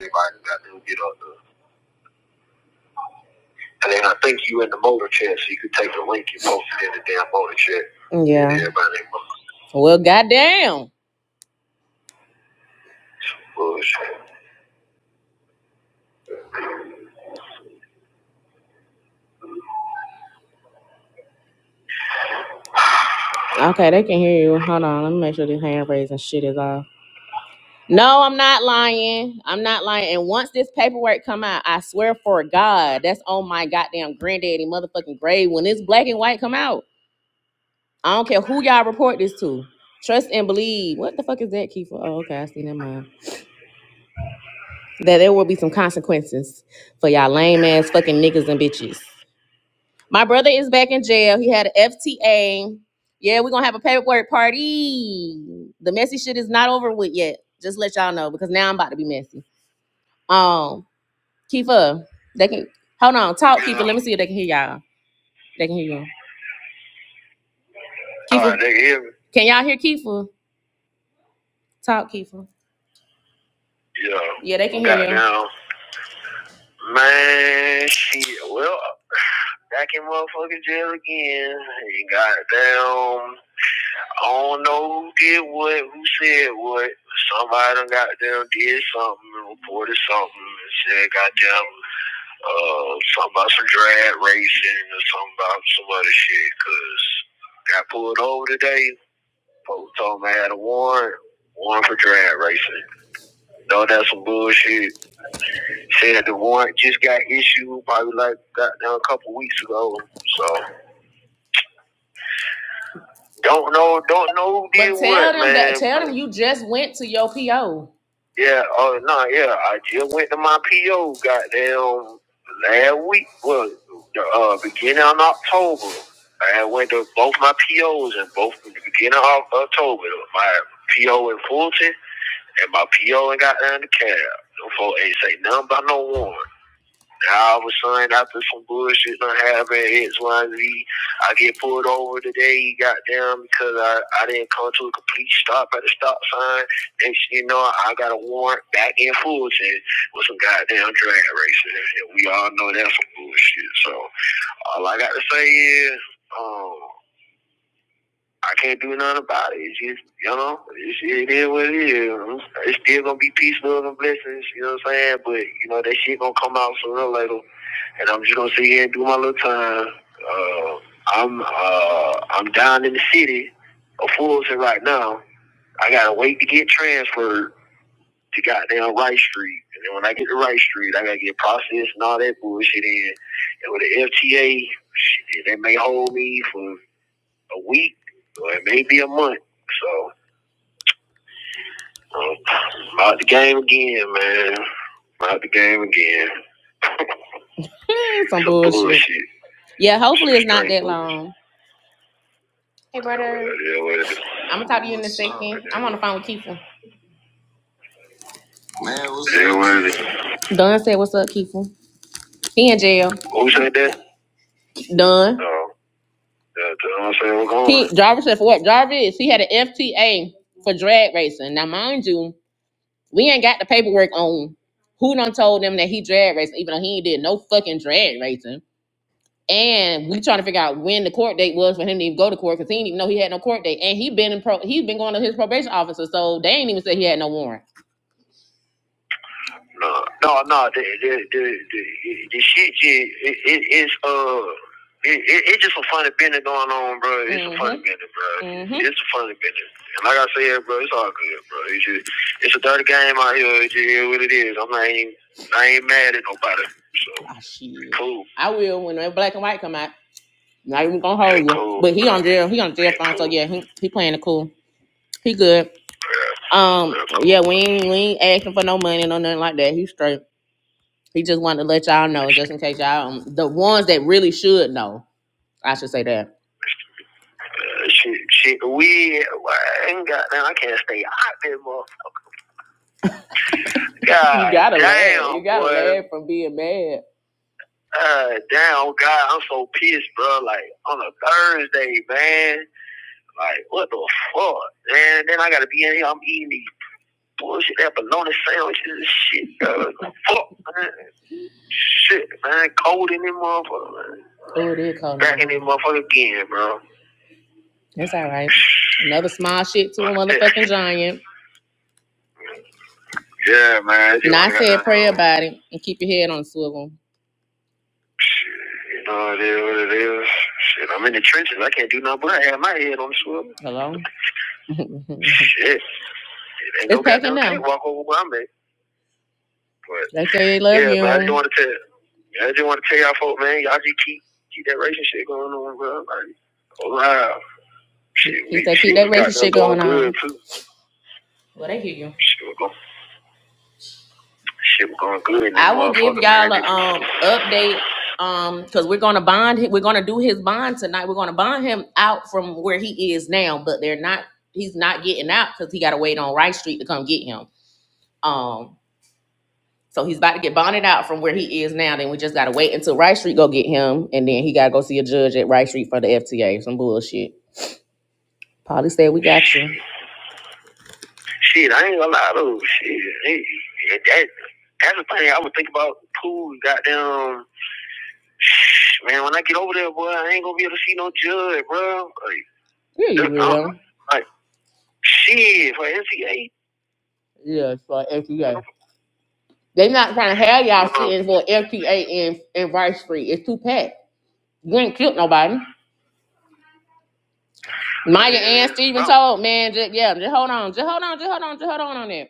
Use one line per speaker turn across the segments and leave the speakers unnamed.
Anybody got to get up there. And then I think you in the motor chat, so you could take the link you posted in the damn motor chat. Yeah. Everybody in motor Well, goddamn. bullshit. Okay, they can hear you. Hold on. Let me make sure this hand raising shit is off. No, I'm not lying. I'm not lying. And once this paperwork come out, I swear for God, that's on my goddamn granddaddy motherfucking grave. When this black and white come out, I don't care who y'all report this to. Trust and believe. What the fuck is that, Kiefer? Oh, okay. I see that. that there will be some consequences for y'all lame ass fucking niggas and bitches. My brother is back in jail. He had an FTA. Yeah, we're gonna have a paperwork party. The messy shit is not over with yet. Just let y'all know because now I'm about to be messy. Um, Kifa, they can hold on, talk Kifa. Let me see if they can hear y'all. They can hear you. Kifa, All right, they can hear me. Can y'all hear Kifa? Talk Kifa. Yeah. Yeah, they can hear you. Goddamn. Man, shit. Well, Back in motherfucking jail again. And goddamn, I don't know who did what, who said what. Somebody done goddamn did something and reported something and said goddamn uh, something about some drag racing or something about some other shit. Cause got pulled over today. Folks told me I had a warrant. Warrant for drag racing. No, that's some bullshit. Said the warrant just got issued probably like goddamn a couple weeks ago. So. Don't know, don't know who did But tell what, them man. that tell them you just went to your PO. Yeah, oh uh, no, yeah. I just went to my PO goddamn last week. was Well the uh beginning of October. I went to both my POs and both the beginning of October. My PO in Fulton and my PO in goddamn the cab. Them folk ain't say nothing about no one. Now all of a sudden, after some bullshit done happened, X, Y, and Z, I get pulled over today, goddamn, because I, I didn't come to a complete stop at the stop sign. Next thing you know, I got a warrant back in Fulton with some goddamn drag racing. And we all know that's some bullshit. So all I got to say is, um, I can't do nothing about it. It's just, you know, it's, it is what it is. It's still gonna be peace, love, and blessings. You know what I'm saying? But you know that shit gonna come out sooner or later and I'm just gonna sit here and do my little time. Uh, I'm uh, I'm down in the city of Fullerton right now. I gotta wait to get transferred to goddamn Wright Street, and then when I get to Wright Street, I gotta get processed and all that bullshit in. And with the FTA, shit, they may hold me for a week or it may be a month. So um, I'm out the game again, man. I'm out the game again. Some bullshit. bullshit, Yeah, hopeful hopefully it's not that long. Hey, brother. Yeah, I'm gonna talk to you in a second. I'm on the phone with Keefe. Man, what's up? what is up, it? Don said, "What's up, Keefe? He in jail. Who said that? Don. No. Yeah, I said what's going on. He Jarvis said for what? Jarvis. He had an FTA for drag racing. Now, mind you, we ain't got the paperwork on who done told them that he drag racing, even though he ain't did no fucking drag racing. And we trying to figure out when the court date was for him to even go to court because he didn't even know he had no court date. And he been in pro, he's been going to his probation officer, so they ain't even said he had no warrant. No, no, no. The the the, the, the shit, just- it, it, it's uh. It, it, it's just a funny business going on, bro. It's mm-hmm. a funny Mhm. business, bro. Mhm. It's a funny business. And like I said, bro, it's all good, bro. It's just, it's a dirty game out here. It's just what it is. I'm not even, I ain't mad at nobody. So ah, shit. cool. I will when black and white come out. Not even gonna Hey, hold you. cool. But he on jail. He on jail phone. So cool. yeah, he he playing it cool. He good. Um, yeah, cool. we ain't, we ain't asking for no money, no nothing like that. He straight. He just wanted to let y'all know, just in case y'all, um, the ones that really should know, I should say that. Uh, shit, shit, we I ain't got I can't stay out there, motherfucker. You God you gotta damn, laugh. You gotta boy. laugh from being mad. Uh, damn, God, I'm so pissed, bro. Like on a Thursday, man. Like, what the fuck? And then I gotta be in here, I'm eating these bullshit that bologna sandwiches and shit. Uh, fuck, man. Shit, man. Cold in this motherfucker, man. Oh, it is cold Back in this motherfucker again, bro. That's all right. Another small shit to a Yeah, motherfucking giant. yeah, man. And I wanna got said, pray about it and keep your head on the swivel. You know it is what it is. Shit, I'm in the trenches. I can't do nothing but I have my head on the swivel. Hello? Shit, it ain't it's no packing goddamn now. Can't Walk over where I'm at. But They say love yeah, you. but I just want to tell, I just want to tell y'all folk, man, y'all just keep keep that racing shit going on, bro. Like, wow, shit, He we said, keep that racing shit going going on. too. Well, they hear you. Shit, we going, shit, we going good I will give y'all a um update um because we're gonna bond him. We're gonna do his bond tonight. We're gonna bond him out from where he is now, but they're not. He's not getting out because he got to wait on Rice Street to come get him. Um, So he's about to get bonded out from where he is now. Then we just gotta wait until Rice Street go get him, and then he gotta go see a judge at Rice Street for the FTA. Some bullshit. Polly said we got you. Shit, I ain't gonna lie though. Shit, hey, that, that's the thing I would think about. Pool, goddamn, man. When I get over there, boy, I ain't gonna be able to see no judge, bro. Like, Yeah, you Like, uh, will. like shit for NCA. Yeah, for FTA. They not trying to have y'all Uh, sitting for FTA in in Rice Street. It's too packed. You ain't killed nobody. Maya Yeah, and Steven bro. told man, just, yeah, just hold on, just hold on, just hold on, just hold on on that,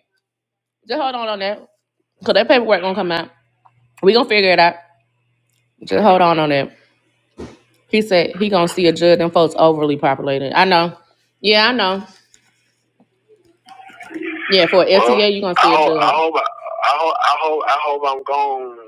just hold on on that, cause that paperwork gonna come out. We gonna figure it out. Just hold on on that. He said he gonna see a judge. Them folks overly populated. I know. Yeah, I know. Yeah, for Well, LTA, you're gonna I see a hope, I judge. hope, I hope, I hope, I hope I'm gone.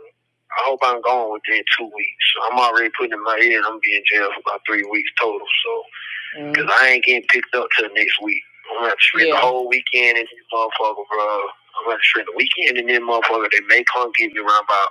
I hope I'm gone within two weeks. I'm already putting in my ear and I'm gonna be in jail for about three weeks total. So, cause Mm, I ain't getting picked up till next week. I'm gonna have to spend the yeah, whole weekend in this motherfucker, bro. I'm gonna have to spend the weekend in this motherfucker. They may come get me around about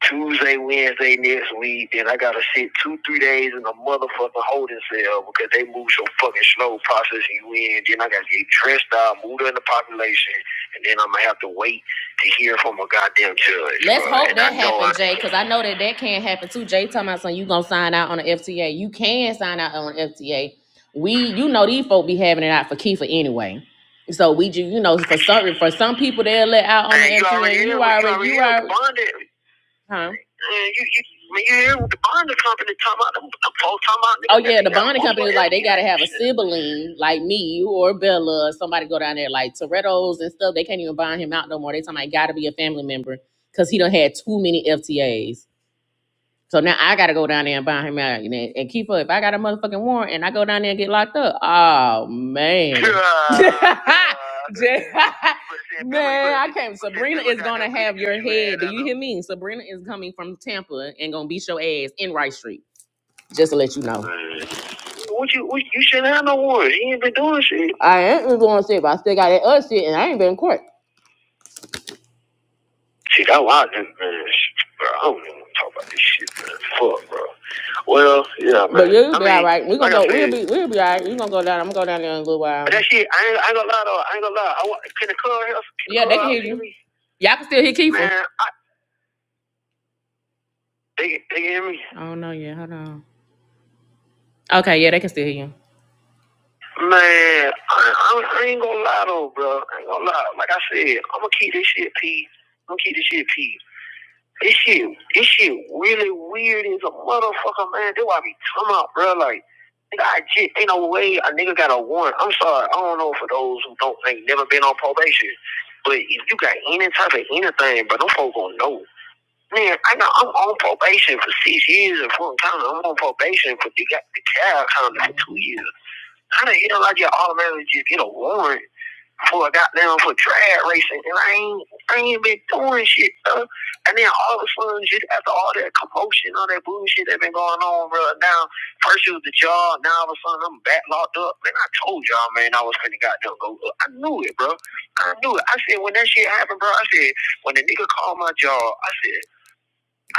Tuesday, Wednesday next week. Then I gotta sit two, three days in a motherfucking holding cell because they move so fucking slow processing you in. Then I gotta get dressed out, moved in the population, and then I'm gonna have to wait to hear from a goddamn judge. Let's Bro. hope And that happens, Jay, because I know that that can not happen too. Jay talking about something you gonna sign out on the FTA. You can sign out on FTA. We, you know, these folk be having it out for Kiefer anyway. So we, you know, for some for some people they'll let out on the Man, you already FTA. You in you already, you already you in are, bond. Huh? Man, you, you, man, you hear the bonding company talking about them, them folks talking about Oh yeah, the bonding company is like they gotta have a sibling like me or Bella or somebody go down there like Toretto's and stuff. They can't even bond him out no more. They talking about it gotta be a family member because he done had too many FTAs. So now I gotta go down there and buy him out. And, and Keeper, if I got a motherfucking warrant and I go down there and get locked up, oh man. Jay- man, I can't. Sabrina is gonna have your head. Do you hear me? Sabrina is coming from Tampa and gonna beat your ass in Rice Street. Just to let you know. What you what, you shouldn't have no warrant. He ain't been doing shit. I ain't been doing shit, but I still got that other shit and I ain't been in court. See, that's why I didn't, man. Bro, I don't even want to talk about this shit, man. Fuck, bro. Well, yeah, But man. you'll I be all mean, right. We're gonna like I go. We'll said, be. We'll be all right. We're gonna go down. I'm gonna go down there in a little but while. that shit, I ain't, I ain't gonna lie though. I ain't gonna lie. I want, can the club hear, can the Yeah, they can out hear hear you. me? Y'all can still hear Kiefer. Man, I, they, they can hear me. Oh no, yeah, Hold on. Okay, yeah, they can still hear you. Man, I, I, I ain't gonna lie though, bro. I ain't gonna lie. Like I said, I'm gonna keep this shit P. I'm gonna keep this shit P. This shit, this shit really weird as a motherfucker, man. That's why I be talking about, bro. Like, nigga, I just, ain't no way a nigga got a warrant. I'm sorry, I don't know for those who don't ain't never been on probation. But if you got any type of anything, but them folks gonna know. Man, I know I'm on probation for six years and full time. I'm on probation for the got the child kind of for two years. How the hell I get automatically just get a warrant for a goddamn for drag racing, and I ain't I ain't been doing shit, bro. And then all of a sudden, just after all that commotion, all that bullshit that been going on, bro. Now, first it was the job, now all of a sudden I'm back locked up. Man, I told y'all, man, I was finna goddamn go. I knew it, bro. I knew it. I said when that shit happened, bro. I said when the nigga called my job, I said.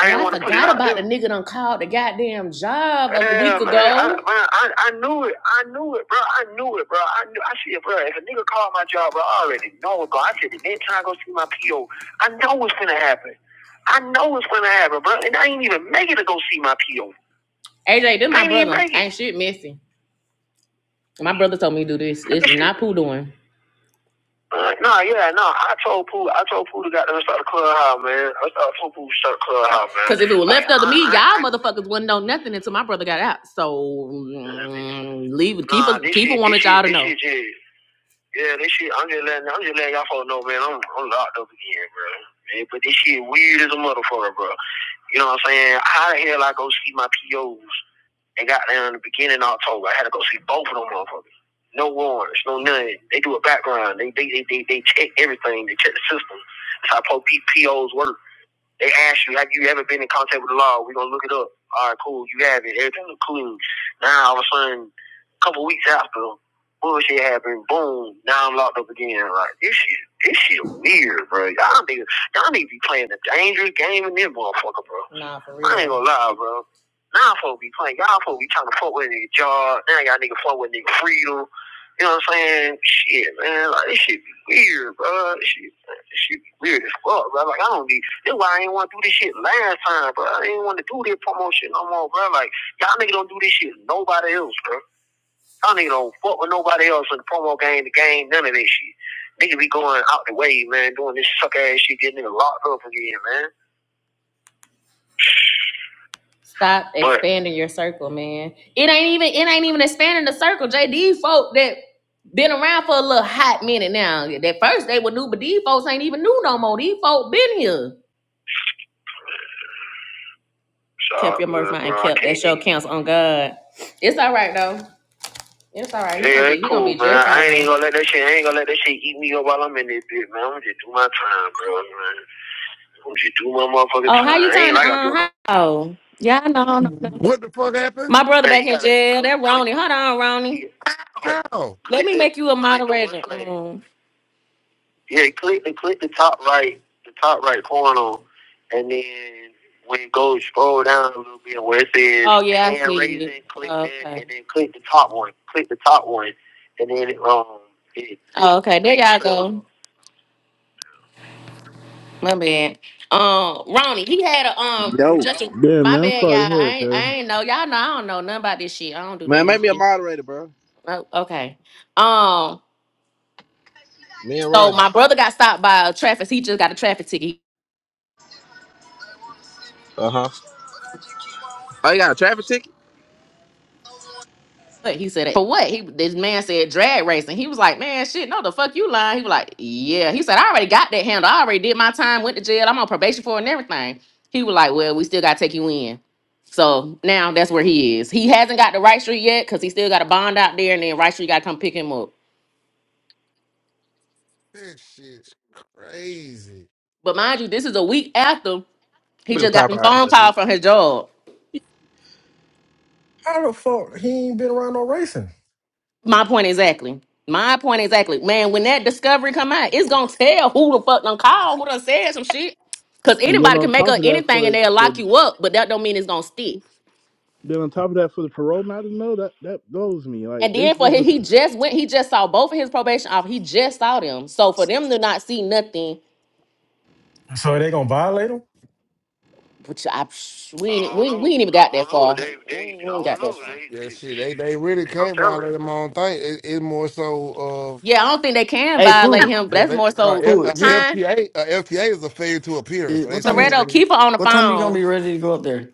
I I forgot about the nigga done called the goddamn job a Yeah, week ago. man, I, I I knew it. I knew it, bro. I knew it, bro. I knew. I said, bro, if a nigga called my job, bro, I already know it, bro. I said, the next time I go see my PO, I know what's gonna happen. I know what's gonna happen, bro. And I ain't even make it to go see my PO. AJ, then my brother ain't shit messy. My brother told me to do this. It's not poo doing. Uh, nah, yeah, nah. I told Pooh, I told Pooh to goddamn start the clubhouse, man. I started told Pooh to start the clubhouse, man. Because if it was Like, left up to me, I, y'all motherfuckers wouldn't know nothing until my brother got out. So mm, leave Keep Nah, it. this Keep it. shit, this Wanted shit, y'all to this know. shit, just, yeah, this shit. I'm just letting, I'm just letting y'all folks know, man. I'm, I'm locked up again, bro. Man, but this shit weird as a motherfucker, bro. You know what I'm saying? How the hell I go see my POs? They got there in the beginning of October. I had to go see both of them motherfuckers. No warrants, no nothing. They do a background. They they they they, they check everything. They check the system. That's how po- POs work. They ask you, have you ever been in contact with the law? We're going to look it up. All right, cool. You have it. Everything was clean. Now, all of a sudden, a couple weeks after, bullshit happened. Boom. Now I'm locked up again. Like, this shit, this shit weird, bro. Y'all need, y'all need to be playing a dangerous game in this motherfucker, bro. Nah, for real. I ain't going to lie, bro. Now folk be playing. Y'all folk be trying to fuck with a nigga job. Now y'all nigga fuck with nigga freedom. You know what I'm saying? Shit, man. Like, this shit be weird, bro. This shit, this shit be weird as fuck, bro. Like, I don't be that's why I ain't want to do this shit last time, bro. I ain't want to do this promotion no more, bro. Like, y'all niggas don't do this shit nobody else, bro. Y'all niggas don't fuck with nobody else in the promo game, the game, none of this shit. Niggas be going out the way, man, doing this suck ass shit, getting niggas locked up again, man. Stop But, expanding but, your circle, man. It ain't even it ain't even expanding the circle. JD folk that been around for a little hot minute now. At first they were new, but these folks ain't even new no more. These folk been here. Kept your mouth mind Bro, kept. that show counts on God. It's all right though. It's all right. You gonna Yeah, gonna be it's you gonna cool, be man. just I ain't fine. gonna let that shit. I ain't gonna let that shit eat me up while I'm in this bitch, man. I'm just do my time, bro. Man. I'm just do my motherfucking Oh, how time. you I ain't turn? like I do. Uh, how? Yeah, I know, I know.
What the fuck happened?
My brother Hey, back you in gotta, jail. That Ronnie. Hold on, Ronnie. you
How?
Let me you make you a you gotta do moderator. one thing. Yeah, click the click the top right, the top right corner, and then when you go scroll down a little bit where it says Oh yeah, I hand see it. raising, it. click that, Okay. and then click the top one. Click the top one, and then it um it it Oh, okay. There y'all click. go. My bad. Um, Ronnie, he had a um
Yo,
just a
Yeah,
my
man, I'm
bad, y'all.
sorry to hear
I
it,
ain't I
okay.
ain't know. Y'all know I don't know nothing about this shit. I don't do none
man,
of
make
this
me a
shit.
moderator, bro.
Oh, okay. Um,
Me and
so
Ronnie.
my brother got stopped by a traffic. He just got a traffic ticket.
Uh huh. Oh, you got a traffic ticket?
But he said, for what? He this man said drag racing. He was like, man, shit, no, the fuck you lying. He was like, yeah. He said, I already got that handle. I already did my time, went to jail. I'm on probation for it and everything. He was like, well, we still gotta take you in. So now that's where he is. He hasn't got the right street yet because he still got a bond out there, and then right street gotta come pick him up.
This shit's crazy.
But mind you, this is a week after he
Look at
just got
Pop
the
out
phone
here.
call
He,
from his job.
How the fuck he ain't been around no racing?
My point exactly. My point exactly. Man, when that discovery come out, it's gonna tell who the fuck done called, who done said some shit. Cause
And then
anybody
on
can make
top
up
of that,
anything
for
and they'll lock
the
you up, but that don't mean it's gonna stick.
then on top of that, for the parole not to know that that blows me. Like
And
they
then for
supposed
him,
to,
he just went, he just saw both of his probation off. He just saw them. So for them to not see nothing,
So they gonna violate him?
which I we ain't, I ain't, don't we, know. we ain't even I got I that don't know. far. They, We they, ain't, we ain't I ain't don't that know. far. They,
Yeah,
they, they
shit. They they really
don't
can't
tell us.
violate them own thing. It, it's more so of
Yeah, I don't think they can
Hey,
violate
Pooh,
him, but
yeah.
that's
They
more
uh,
so
F-
Pooh,
uh,
is you,
Huh?
FTA. Uh, FTA is a failure to appear.
is,
So they
what
saying
time?
Soreto,
that.
keep her on the
What time you gonna be
phone.
ready to go up there?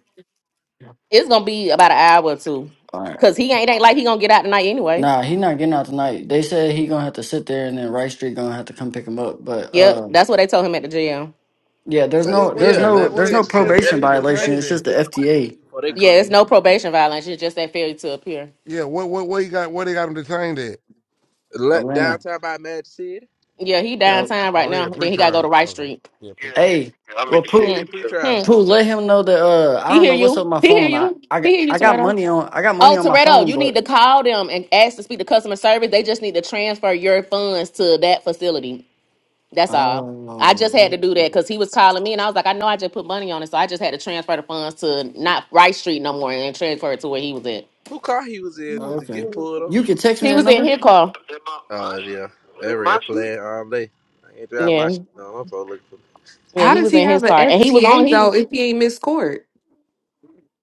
It's gonna be about an hour or two,
All right.
cause he ain't ain't like he gonna get out tonight anyway.
Nah, he not getting out tonight. They said he gonna have to sit there, and then Rice Street gonna have to come pick him up. But
Yep,
uh,
that's what they told him at the jail.
yeah, there's
So what?
like,
no,
What they
there's
yeah,
got?
no,
What?
land
What
there's
they?
no
detention center.
What?
That
probation
What he
nigga, that
violation.
detained
nigga
It's
can
just
at?
the
sit on white
FTA,
TV before they
Yeah,
come
it's
get
no
him.
probation violation. It's just that failure to appear.
Yeah. What? What? What he got? What they got him detained at?
Let
Atlanta.
downtown by Magic City.
Yeah, he
Yep.
downtown right
Oh yeah,
now. Then he gotta go to
pre-trial.
Rice
Okay.
Street.
Yeah, pre-trial.
Hey,
Yeah, I'm
well,
in the Hmm.
Pooh,
He in
city too.
pre-trial.
Hmm.
Pooh, let him know that uh, I
He
don't
hear
know what's up
you.
with my
He hear
phone. I,
you.
I,
He
got,
hear you,
I got
Toretto.
money on, I got money
Oh,
on my
Toretto,
phone,
you need
but
to call them and ask to speak to customer service. They just need to transfer your funds to that facility. That's all. I just had to
oh,
do that
okay.
because he was calling me, and I was like, I know I just put money on it, so I just had to transfer the funds to not Rice Street no more, and transfer it to where he was at.
Who car he was in to
Okay.
get pulled on?
You can text me
He
that
was in
number.
his car. it
Oh yeah,
Was
that
it my
red
street?
flag all day. I ain't drive my
Yeah,
shit. No, I'm for looking for. Me.
yeah,
How
he
does
was
he
in
have
his
an
car, and he was on.
FTA
He
though if he ain't missed court?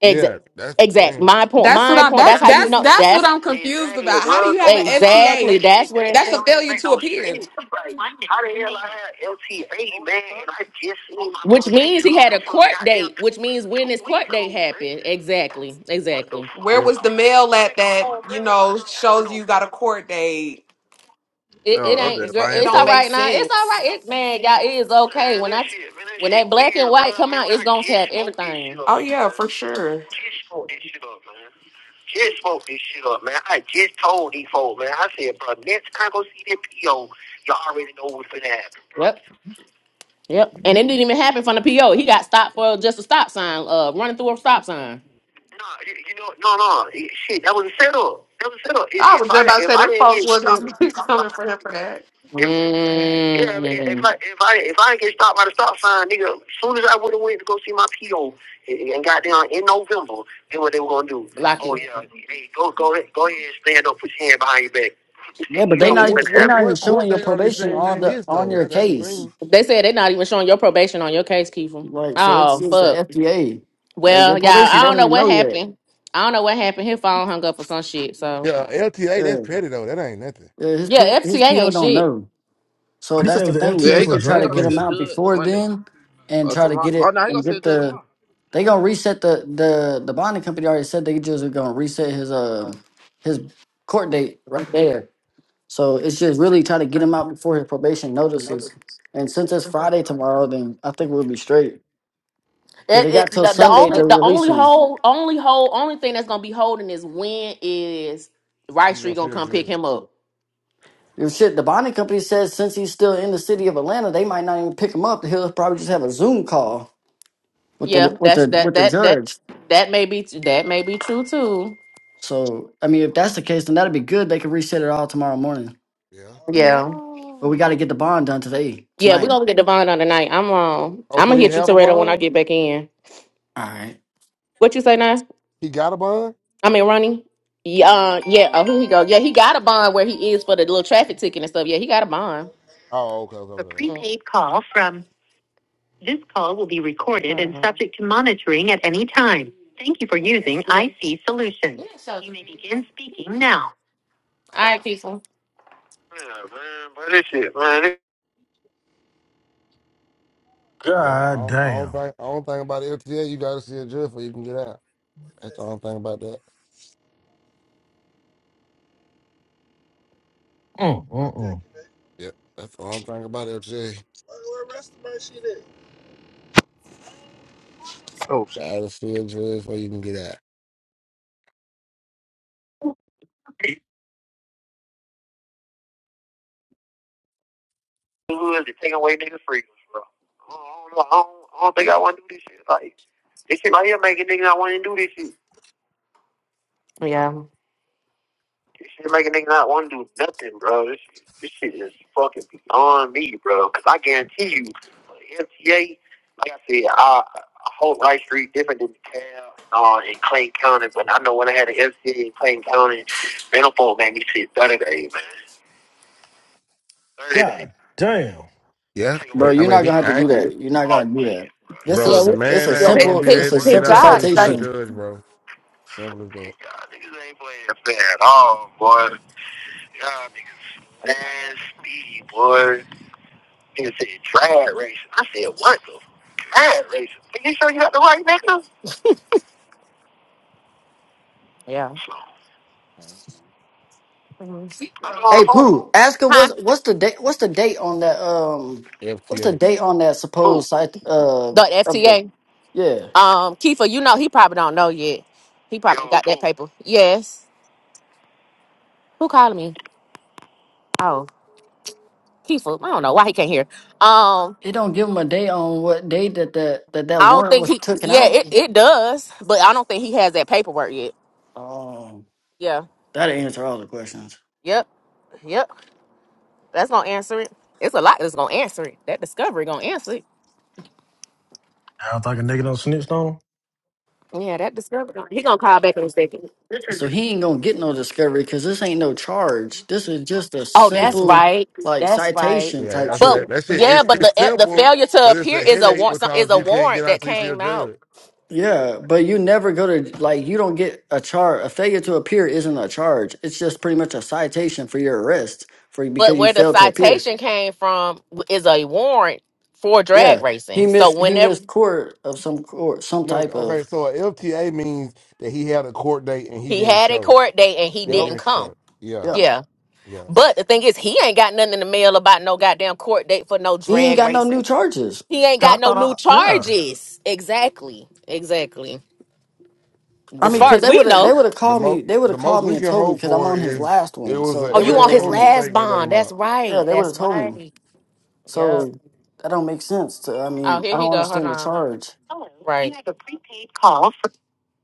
Exact.
Yeah, that's the
Exact.
thing.
My point.
That's what
My
I'm
point.
that's
That's That's how you the
that's
know.
that's what
that's the
I'm
That's
confused
exactly
about. How do
bro. Come
you
on, bro.
have an
Like
FTA?
exactly. that shit, That's that where that it's shit
That's
at.
a
don't even
failure
make
to
no
appear.
sense. Like how the hell I had LTA man, and I just seen my Which motherfucking means he had car a car from court goddamn date, which means two, when two this weeks court weeks date ago, man. happened. Exactly. What the Exactly. fuck?
Where
Yep.
was the
Like,
mail
man,
at
come
that,
on,
you
man. Like,
know,
I ain't
shows
no
you got a court date?
It,
Oh,
it
I'm
It,
ain't.
it,
just
girl,
it
buying
It's
don't
all
folks.
make
right now. It's all right.
sense.
It man, y'all. It is okay. Man, When that I shit, man, that when shit that shit black and weird, bro. white come Man, out, bro, it's I gonna get have smoke this shit everything. up, man.
Oh yeah, for sure.
Get smoke this shit up, man. Just smoked this shit up, man. I just told these folks, man. I said, bro, next time I go see that PO, y'all already know what's gonna happen, Yep. Yep. And it didn't even happen from the PO. He got stopped for just a stop sign, uh, running through a stop sign. No, you, you know, no, no. It- Shit, that was a setup. That was a setup. If,
I
if
was just
I
about to
if
say
I
them
didn't
folks
get stopped,
wasn't
by the stop
coming
sign,
for him
if
for that.
yeah, if if Mm. I if I if I didn't get stopped by the stop sign, nigga, as soon as I would have went to go see my PO and and got down in November, then what they were gonna do? Lock Oh you. yeah, hey, go go ahead, go ahead and stand up, put your hand behind your back.
Yeah, but
you
they
So
know
not
what's
what?
even
gonna
they
happen.
What?
not even
What
showing
court
your
date are they
probation
saying you
on the
missed
on
though?
your
That, that's the
case.
thing.
They said they're not even showing your probation on your case, Kiefer.
Like so, it's
Oh
just the
fuck.
FDA. Like your
Well, y'all,
probation
I don't
don't
know
even
what
know yet.
happened. I don't know what happened. His phone hung up for some shit. So
Yeah, LTA.
Yeah,
That's petty though. That ain't nothing.
yeah his P,
yeah, FCA
his PO
ain't
don't
shit.
know. So
But he
that's
said it
the
was the
thing.
Yeah,
If
FTA
he
we
for
go,
could try
he
to
drag
gonna
get
see
him
a
racing.
out
judge
before
Monday
then, and
or
try to
tomorrow.
get
Oh
it
no, he gonna
and
see a
get
judge
the
tomorrow.
they gonna reset the the the bonding company already said they just are gonna reset his um his court date right there. So it's just really try to get him out before his probation notices. And since it's Friday tomorrow, then I think we'll be straight. because
It,
they got
it,
till
the, the
Sunday
only
to
the
release
only
him.
hold only hold only thing that's gonna be holding is when is Rice
He
Street
gonna
gonna
feel
come pick
judge,
him up.
And shit, the bonding company says since he's still in the city of Atlanta, they might not even pick him up. He'll probably just have a Zoom call with the
Yeah,
with
that's
the
that
with the
that that
judge.
that may be that may be true too.
So I mean, if that's the case, then that'd be good. They could reset it all tomorrow morning.
Yeah.
Yeah.
But we got
No.
to get the bond done today,
Yeah, we're
tonight.
gonna get Devon on tonight. I'm um
Oh,
I'm
so
gonna
he
hit you
have a
Toretto when I
bond?
get back in.
All right,
What you say now?
He got a bond?
I mean, Ronnie. Yeah, uh, yeah. Oh, here he go. Yeah, he got a bond where he is for the little traffic ticket and stuff. Yeah, he got a bond.
Oh, okay, okay,
A
okay.
prepaid call from this call will be recorded and Mhm. subject to monitoring at any time. Thank you for using IC Solutions. Yeah, so- you may begin speaking now. All right, Keisha. Yeah, man, but this shit, man, this
Yeah. I
God
don't, I don't
damn.
think I don't think about LTA. You gotta see a judge before you can get out. That's the only thing about that.
Mm, mm, mm.
Yep. That's the only thing about LTA. Gotta see a judge before you can get out.
who is it taking away niggas' freedoms, bro? I don't, know, I don't, I don't think I want to do this shit. Like this shit right here making niggas not want to do this shit. Yeah. This shit make a nigga not want to do nothing, bro. This, this shit is fucking beyond me, bro. Because I guarantee you, MTA, like I said, I, I hold Rice Street different than the town uh, in Clayton County, but I know when I had an MTA in Clayton County, rental phone made me sit 30 days, man. 30 days.
God damn.
That
Yeah.
take
bro.
away
He- I
from
You're
my
not
mean, he
gonna have to do
ain't,
job. and
that. You're not
All
gonna do that. This
bro.
is
The
this shit,
it's
man
a
bro. Yeah, Y'all
ain't
we, niggas yo, his,
gonna
playing his,
simple
be
playing fair,
it's a
able to
boy.
get
his
simple
out till
job
he see a
citation.
started.
judge, bro. Simple as that.
Y'all niggas ain't playing fair at all, boy. Y'all niggas nasty, boy. He said, drag racing. I said, what the? Drag racing? Are you sure you got the right nigga? Yeah. So, Mhm. I'm on the
Hey
phone.
Pooh, ask him
Huh?
what's what's the date what's the date on that um what's the
FTA.
date on that
Who?
supposed site uh
The
of the
FTA.
yeah.
Um, Kiefer, you know he probably don't know yet. He probably got that paper. Yes. Who called me? Oh, Kiefer. I don't know why he can't hear. Um,
It don't give him a date on what date that that that, that
I don't
warrant
think
was
he.
taken
Yeah,
out.
it it does, but I don't think he has that paperwork yet.
Um
Yeah.
that'll answer all the questions.
Yep. Yep. That's gonna answer it. It's a lot that's gonna answer it. That discovery gonna answer it.
I don't think a nigga don't snitched on him.
Yeah, that discovery. He gonna call back in a second.
So he ain't gonna get no discovery because this ain't no charge. This is just a
Oh,
Oh, Yeah.
that's
simple
right.
like
That's right.
citation
Yeah.
type
That's what
shit.
that.
But
That shit.
yeah,
It's
but
it's
the the
simple,
failure to
but it's
appear
a
is a
headache
warrant. Is
because
a
you can't get
warrant that
out till you see a
came out.
judge.
Yeah, but you never go to like you don't get a charge. A failure to appear isn't a charge. It's just pretty much a citation for your arrest for
But
because you
where the
failed to appear.
citation came from is a warrant for drag
Yeah, he
racing. So
missed he
whenever
missed court of some court some
No,
type
okay,
of
so a LTA means that he had a court date and he
he
didn't
had a
show.
court date and he
And he
didn't
yo
didn't
come,
show. Yeah,
yeah.
yeah.
yeah.
But the thing is, he ain't got nothing in the mail about no goddamn court date for no
He ain't
drag
got no new
racing.
charges.
He ain't
I
got no
thought
new
I, yeah.
charges. Exactly. Exactly.
I
As
mean,
far
Well,
cause
as
they
we
would have they
know.
would have
the
called me
most
they would
the
have
most
called me
we
and
can
told me
hope
because I'm
for
on his
is
last
it
one.
was
So
an
Oh,
they would
you
have
on
error
his
and a
told me.
mistake
last
and they let
bond.
him
That's
out.
Yeah,
right.
they would have
That's
told me.
right. Yep.
So that don't make sense. To I
Oh,
mean,
here
I
he
don't
go. Hold
understand the
on.
charge.
Hello. Right. You Right. have a prepaid call. For,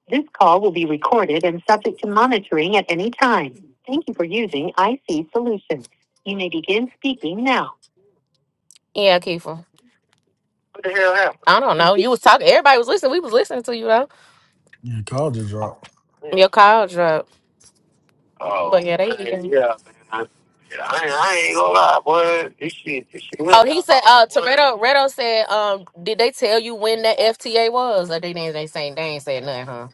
this call will be recorded and subject to monitoring at any time. Thank you for using IC Solutions. You may begin speaking now. Yeah, Kiefer. What the hell happened? I don't know. You was talking. Everybody was listening. We was listening to you though.
Yeah, call just
Oh,
dropped.
yeah. Your call dropped. Oh, But yeah, they man, eating. yeah, man. I, I, ain't, gonna lie, boy. This shit, this shit went Oh, he said. wrong, Uh, down, boy. Toretto, Reto said. Um, did they tell you when that FTA was? Or they didn't. They saying they ain't said nothing, huh?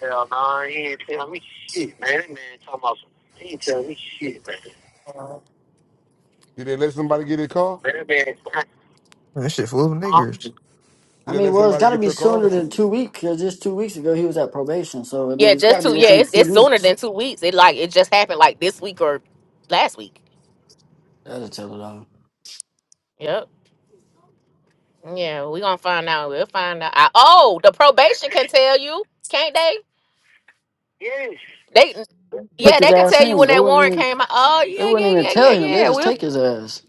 Hell no, nah, he ain't tell me shit, man. That man talking about some, he ain't tell me shit, man.
Did they let somebody
Man,
get a car?
that man,
Man, that shit full of
huh?
niggers.
I
Did they
mean,
let
well, it's
somebody
got to
get
be
your car?
sooner than two weeks because just two weeks ago he was at probation. So I
Yeah,
mean, it's got
just
to be
two. Yeah,
within
it's
two
it's sooner
weeks.
than two weeks. It like it just happened like this week or last week.
That'll tell it all.
Yep. Yeah, we gonna find out. We'll find out. I, oh, the probation can tell you, can't they? Yes. They
Took
yeah,
his
they can
ass
tell you
in.
when
They
that
wouldn't
warrant
even.
came out. Oh
They
yeah, yeah,
wouldn't even
yeah,
tell
yeah,
him. They
yeah.
just
We'll
take his ass.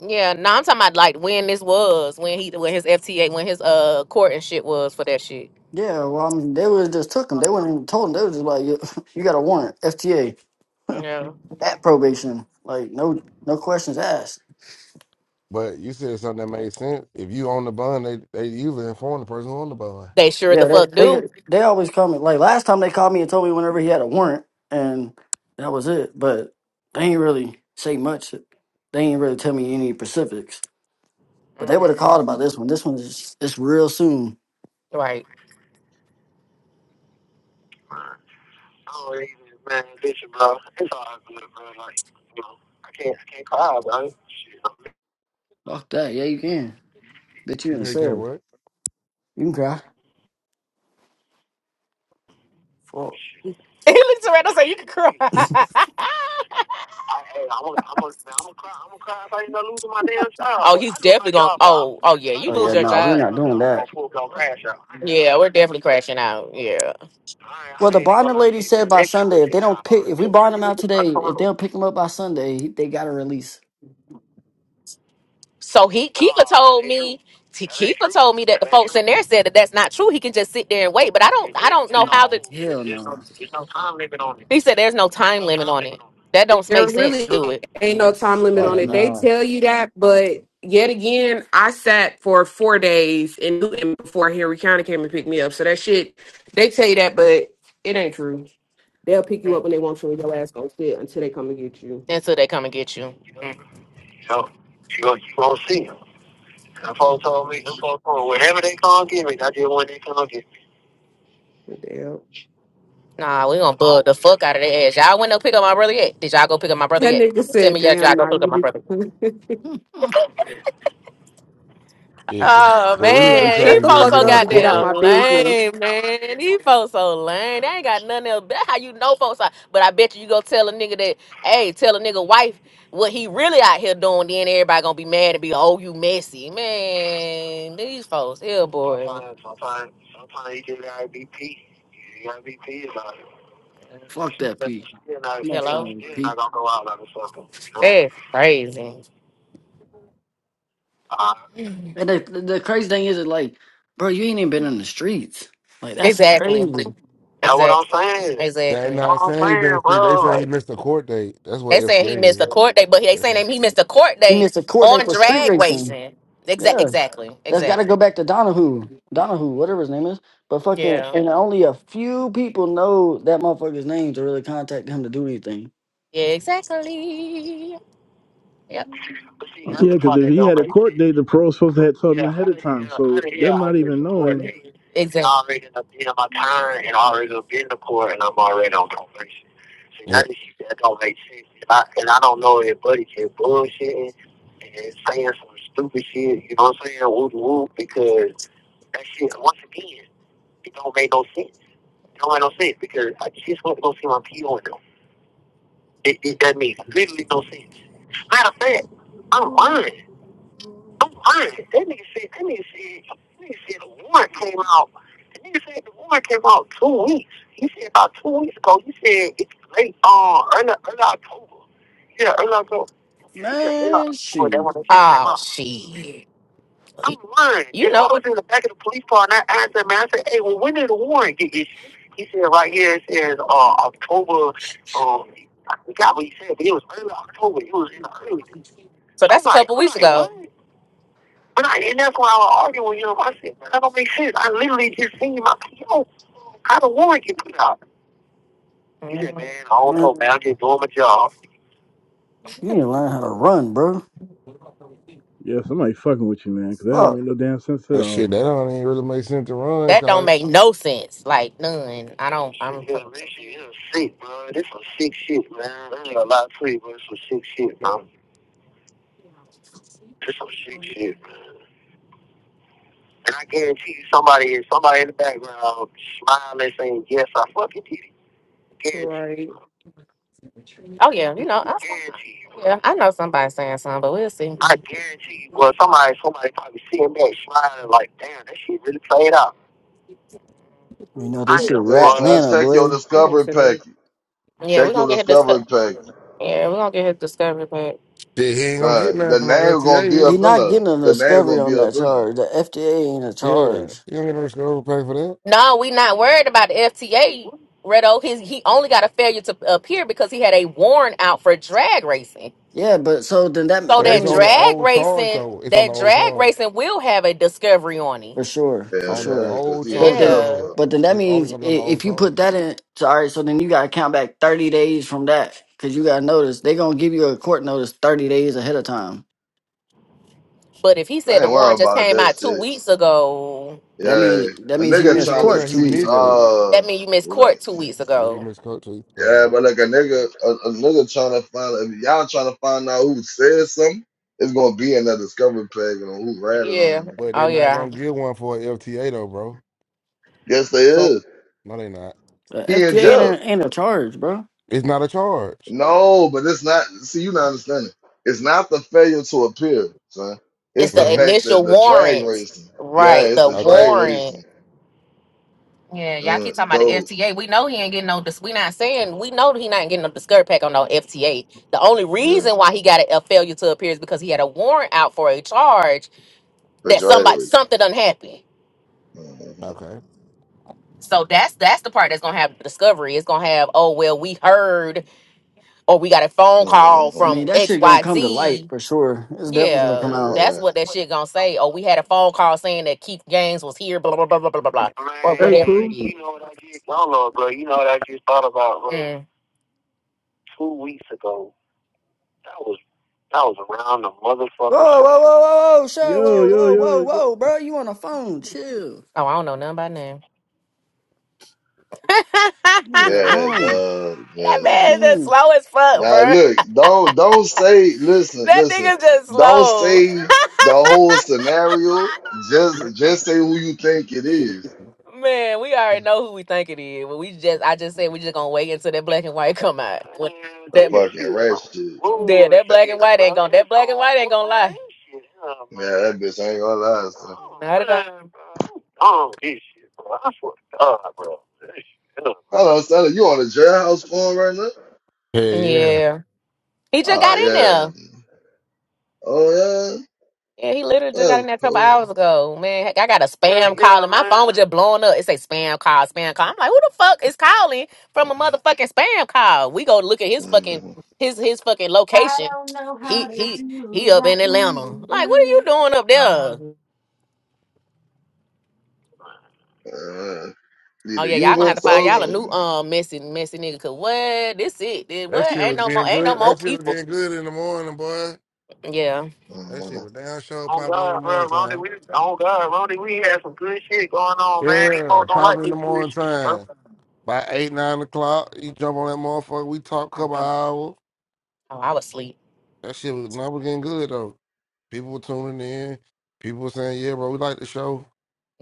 yeah. No, I'm talking about like when this was, when he, when his FTA, when his uh court and shit was for that shit.
Yeah, well, I mean, they would just took him. They wouldn't even told him. They was just like, "You you got a warrant, FTA,
Yeah,
at probation. Like, no, no questions asked."
But you said something that made sense. If you own the bond, they they usually inform the person who own the bond.
they sure the
Yeah, they
fuck
they
do.
get- they always call me. Like last time they called me and told me whenever he had a warrant, and that was it. But they ain't really say much. They ain't really tell me any specifics. But they would have
Mm,
called about this one. This one is it's real soon.
right. I don't even, man, listen, bro. It's all good, bro. Like, you know, I can't, I can't cry, bro. Shit.
Fuck that. Yeah, you can. Bitch, you
You
in the
say you can't
cell.
what?
You can cry. Fuck.
He looks around and say "You can cry." I, hey, I'm gonna, I'm gonna, I'm gonna cry. I'm gonna cry if I ain't losing my damn job. Oh, he's I do my definitely going. job right. Oh, oh yeah, I you
Oh
do
yeah,
lose my your job
Nah, we're
out job. there
not
right
doing
now, I'm gonna
that.
full blown crash out. I ain't gonna Yeah, lie we're to you. definitely crashing out. Yeah. I,
Well,
I
the
ain't even
bonding
gonna lie
lady
to you,
said
but
by
that shit,
Sunday,
that
if they
shit
don't pick, if we
diabolical.
bond them out
Niggas
today,
start coming
if they
on.
don't pick them up by Sunday, he- they gotta release.
So he Keeper No, that told ain't true. me he- That ain't Keeper true. told me that the That ain't folks true. in there said that that's not true. He can just sit there and wait. But I don't It, I it, don't it's know
Nah,
how the whole. It,
hell
there's no,
no,
there's no time limit on it. he said there's no There's time no limit time on limit it. on it. That don't
there
make no sense, do time.
really
it?
ain't no
no,
time limit on
Yeah,
fuck
it. They
nah.
no,
tell you that, but yet again, I sat for four days in Newton before Henry County came and picked me up. So that shit, they tell you that, but it ain't true. They'll pick you up
Mm.
when they want you, and your ass gonna sit until they come and get you.
Until they come and get you. You know, you gon' you gonna see them. Them folks told me, them folks told me, whenever they come get me, I just when they come get me.
Damn.
Nah, we gonna bug the fuck out of their ass. Y'all went to pick up my brother yet? Did y'all go pick up my brother
That
yet?
nigga
Just Tell
said,
me, yeah,
"Damn,
y'all go
nah,
pick up
you
my brother.
do."
Shit, the,
Oh
what we
he
need to be
ain't
man,
shut
these
trying to
the
do is
folks
fuck
so
get him a
up and get
court.
out
Uh,
goddamn
my business.
lame, man. These folks so lame. They ain't got nothing else. That's how you know folks are. But I bet you you go tell a nigga that, hey, tell a nigga wife what he really out here doing. Then everybody gonna be mad and be, oh, you messy, man. These folks, here, boy. Sometimes, sometimes, sometimes you just gotta be peace. You gotta be peace about it.
fuck that
But
P,
still not, still, Hello.
Motherfucker,
Still
P.
not gonna go out like a fucker. you know? That's crazy. Uh,
And the, the crazy thing is, that like, bro, you ain't even been in the streets. Like that's
exactly.
crazy.
That's what I'm Exactly. saying.
they
Exactly. That's
not
what I'm
saying he
saying,
been free. They
bro.
saying he
Like,
missed a court date. That's what
They saying he missed
FCA
a
is.
court date, but they
That's
saying that he missed a court
You
date
missed a court date
on
for street
drag
what.
racing.
racing. Exactly.
Yeah.
Exactly.
That's got to
Exactly.
go back to Donahue, Donahue, whatever his name is. But fucking,
Yeah.
and only a few people know that motherfucker's name to really contact him to do anything.
Yeah. Exactly. Yep. but see, that's
yeah,
the
because
part
if
that
he had
don't
a
make
court
sense.
date, the parole supposed to have told him
Yeah,
ahead
out
of
of here,
time. So
out of here,
them
I
not even
just
knowing,
coordinate. And Exactly. I already done being on my time, and I already done been to court, and I'm already on probation. See,
Yeah.
that is that don't make sense. And I, and I don't know if Buddy just bullshitting and saying some stupid shit. You know what I'm saying? Whoop whoop, because that shit once again, it don't make no sense. It don't make no sense because I just went to go see my PO and them. It, it that makes literally no sense. Matter of fact, I'm lying. I'm lying. That nigga said that nigga said that nigga said the warrant came out. That nigga said the warrant came out two weeks. He said about two weeks ago. He said it's late um early early October. Yeah, early October. Yeah, he said early
Man,
October. That
shoot,
when the shit came Oh out. shit. I'm lying. You know I was in the back of the police car and I asked that man, I said, Hey, well when did the warrant get issued? He said right here it says uh October um I forgot what he said, but it was early October. It was in the early. So I'm that's a like, couple I'm weeks like, what? ago. what? But I, and that's why I was arguing with him. I said, man, that don't make sense. I literally just seen my PO. How the warrant get put out? He said, man, I don't
man,
know, man. I'm just doing my job.
you need to learn how to run, bro.
yeah, somebody fucking with you, man, because that don't
Fuck,
make no damn sense at
But shit,
all.
that don't ain't really make sense to run,
That don't
cause
make no sense. Like, none. I don't. Shit, I'm. Yeah, this shit is sick, bro. This some sick shit, man. There ain't a lot to it, but it's some sick shit,
shit,
bro. This some sick shit, man. And I guarantee you, somebody is somebody in the background smiling, saying, yes, I fucking did it. Guarantee you.
Right.
Oh yeah, you know, I, guarantee you. yeah, I know somebody saying something, but we'll see. I guarantee you. Well, somebody, somebody probably seeing that smiling like, damn, that shit really played out.
you know
I
this shit,
am
Say,
rat
one.
son,
Lana,
check your
boy.
That ain't
discovery
center.
package.
Yeah, we're
Check
gonna
your
get his disco-
discovery package.
yeah, we're gonna get his discovery back.
he ain't gonna get
Son, the
nothing for no
name
LTA.
gonna be
is he?
He
up in
not
there.
getting a
The name
discovery
gonna
on
be
that
up in
charge.
there.
The FDA ain't a
Yeah.
charge.
You don't get no to overpay for that.
No, we not worried about the FTA, Redo. His he only got a failure to appear because he had a warrant out for drag racing.
Yeah, but so then
So
that
But
that
it's
that
means.
on the
drag
old charge
racing
though. It's on the
that
old
drag
charge.
racing will have a discovery on it.
For sure, for
on the
Hell
sure.
yeah, because
old
he in
But
Chargers
then,
jail
Yeah.
though.
for.
but then that
It's only
means
gonna
i-
be on the old
if you put
Chargers.
that in, so, all right. So then you gotta count back thirty days from that, because you gotta notice they gonna give you a court notice thirty days ahead of time.
But if he said
I
the
ain't
warrant
worried
just
about
came
that
out two
shit.
weeks ago,
That
Yeah,
means that
a
means he
Two
nigga
weeks
missed
ago,
trying to
court
saying
two
he
see
weeks
missed
ago.
it.
uh,
That means you missed
what I,
court two weeks
Yeah, he
ago.
missed coach two weeks ago,
yeah,
yeah.
but like a nigga, a, a nigga trying to find. If y'all trying to find out who said something, it's gonna be in that discovery package on who ratted on
Yeah.
him.
But
Oh
they're not
yeah.
gonna give one for a F T A though, bro.
Yes, they
So
is.
no, they not.
The
He in
FTA
So
ain't
jail.
a, ain't a charge, bro.
it's not a charge.
No, but it's not. See, you not understanding. It's not the failure to appear, son.
It's
It's the
the
hmm
fact that
initial
the drag
warrant.
racing. Yeah,
Right.
it's
The
the
Okay.
drag
warrant.
racing.
Yeah, y'all
Uh,
keep talking about the
so
FTA. We know he ain't getting no. Dis- we not saying we know he not getting no skirt pack on no FTA. The only
yeah,
reason why he got a, a failure to appear is because he had a warrant out for a charge
the
that
drag
somebody
racing.
something done happened.
Mm-hmm.
Okay.
So that's that's the part that's gonna have the discovery. It's gonna have oh well we heard or we got a phone call
I
hmm
from
mean that
X
shit gonna
Y
come to light
Z
for sure. It's definitely gonna come
Yeah,
out.
that's
Yeah,
what that shit gonna say. Oh, we had a phone call saying that Keith Gaines was here, blah blah blah blah blah blah blah, or
Hey,
whatever Man, it
Pooh.
is. you know what I just I don't know, bro. You know what I just thought about, bro. Mm. Two weeks ago, that was that was around the motherfucking
Whoa,
show.
whoa, whoa, whoa, whoa, shut,
Yo,
whoa,
yo,
whoa,
yo,
whoa,
yo.
whoa, bro. You on the phone? Chill.
Oh, I don't know nothing about name.
You
yeah,
was
that
at
yeah.
home.
Duh.
Fuck
Yes.
man
you
is just
mean?
slow as fuck,
Now
bro.
look, don't don't say. Listen,
That
listen.
nigga just
Don't
slow.
say the whole scenario. Just just say who you think it is.
Man, we already know who we think it is. But we just I just said we just gonna wait until that black and white come out. When Man,
The
that this
fucking
shit
rat shit.
some yeah, that
That-
black and bullshit, white ain't bro. gonna that This black and some white ain't gonna lie. bullshit, oh,
Yeah,
man.
that bitch ain't gonna lie, son.
Oh, Not at all. man, bro. Oh, this shit, bro. I swear to God, bro. This shit, huh.
Hello, Sally. You on the jailhouse phone right now?
Yeah, yeah.
Yeah. He just
Oh
got in there.
yeah. Oh yeah.
Yeah, he literally just got
That's
in there a couple
cool.
hours ago. Man, heck, I got a spam Ain't call my phone was just blowing up. It say spam call, spam call. I'm like, who the fuck is calling from a motherfucking spam call? We go look at his fucking
Mm,
his his fucking location. He he he up in Atlanta. Like, what are you doing up there?
uh,
Oh
Neither
yeah,
you
y'all gonna
been
have to find y'all a new
talking.
um messy messy nigga. Cause what this it? This,
That
what
shit
ain't
was
no
being
more ain't no
good.
more
That shit was
people.
being good in the morning, boy.
Yeah.
That shit
Mm,
was down show
Oh
popping in the
God, bro,
morning
Ronnie,
time.
we oh God, Ronnie, we had some good shit going on, man. These
Yeah,
folks don't like
popping in
this
the
good
morning
shit, bro.
time. By eight, nine o'clock, you jump on that motherfucker. We talk a couple hours.
Oh, I was asleep.
That shit was not was getting good though. People were tuning in. People were saying, "Yeah, bro, we like the show."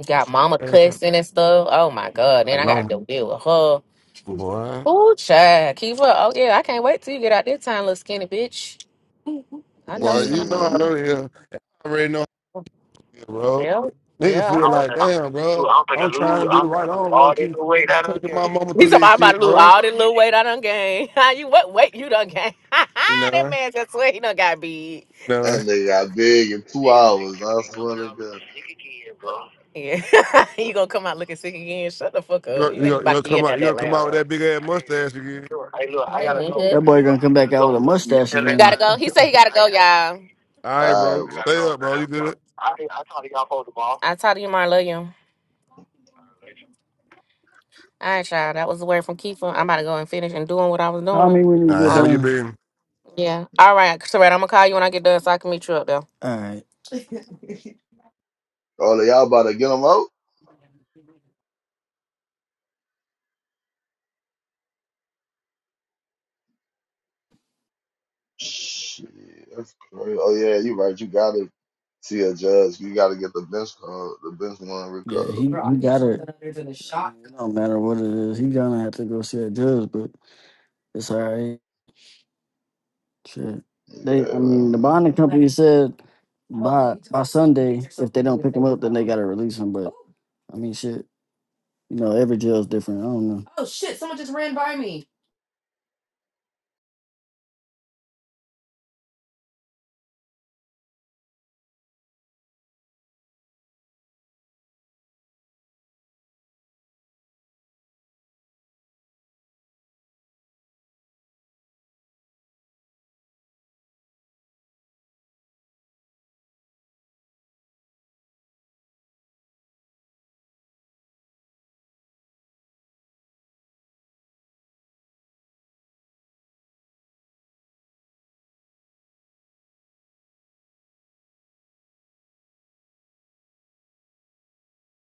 Got mama
And I said,
cussing and stuff. Oh my god.
"I
Then I got
know,
to deal with her.
boy.
Ooh, child. Keep up. Oh yeah, I can't wait till you get out this time, little skinny bitch. I know
Boy, you
something.
know how
mm.
to yeah. I already know, how it is, bro.
Yeah.
Nigga
Yeah. I
feel
know.
like, damn, bro.
I'm finna
I'm trying
lose.
to do
I'm
the right. I
finna lose
don't
all
want to
this
keep
little weight I done
taking my
gained.
mama
He's
through
talking
this
about
shit,
to lose
bro.
all this little weight I done gained. How you what weight you done gained? that
No,
man just swear he done got big.
no.
That nigga got big in two
Niggas, niggas
hours.
gonna
I
be coming
swear to
out looking
God.
sick again, bro. Yeah, you gonna come out looking sick again? Shut the fuck
You
up!
gonna,
You
you
ain't
gonna, you
about to
gonna
be
come
in there
out? You
that
gonna come out with
loud.
that big ass
Hey,
mustache again?
look, hey, look, I gotta go.
That
Mm-hmm.
boy
Hey, look,
gonna
I
come back
gotta
out with a
go. You
mustache
tell You
again.
gotta man, go. He said he gotta I go, gotta, y'all.
All right,
All
bro.
right,
I
bro.
gotta
Stay
go,
up,
man.
bro.
I'm
You
sorry.
good?
I, I talk to y'all for the ball. I told you, Mar, love you. All right, y'all. That was the word from Keeper. I'm about to go and finish and doing what I was
Call me
doing.
when
All
you
right,
get
handle
Oh,
your
done.
business.
yeah. All right, so I'm gonna call you when I get done so I can meet you up there.
All right.
Oh, y'all about to get him out? Shit, that's crazy. Oh yeah, you right. You gotta see a judge. You gotta get the bench call, the bench one
Yeah,
recalled.
he, he got it. It don't matter what it is. He gonna have to go see a judge, but it's all right. Shit. They, I
Yeah,
mean, the
man.
bonding company said by by Sunday, if they don't pick him up, then they gotta release him. But I mean, shit. You know, every jail's different. I don't know.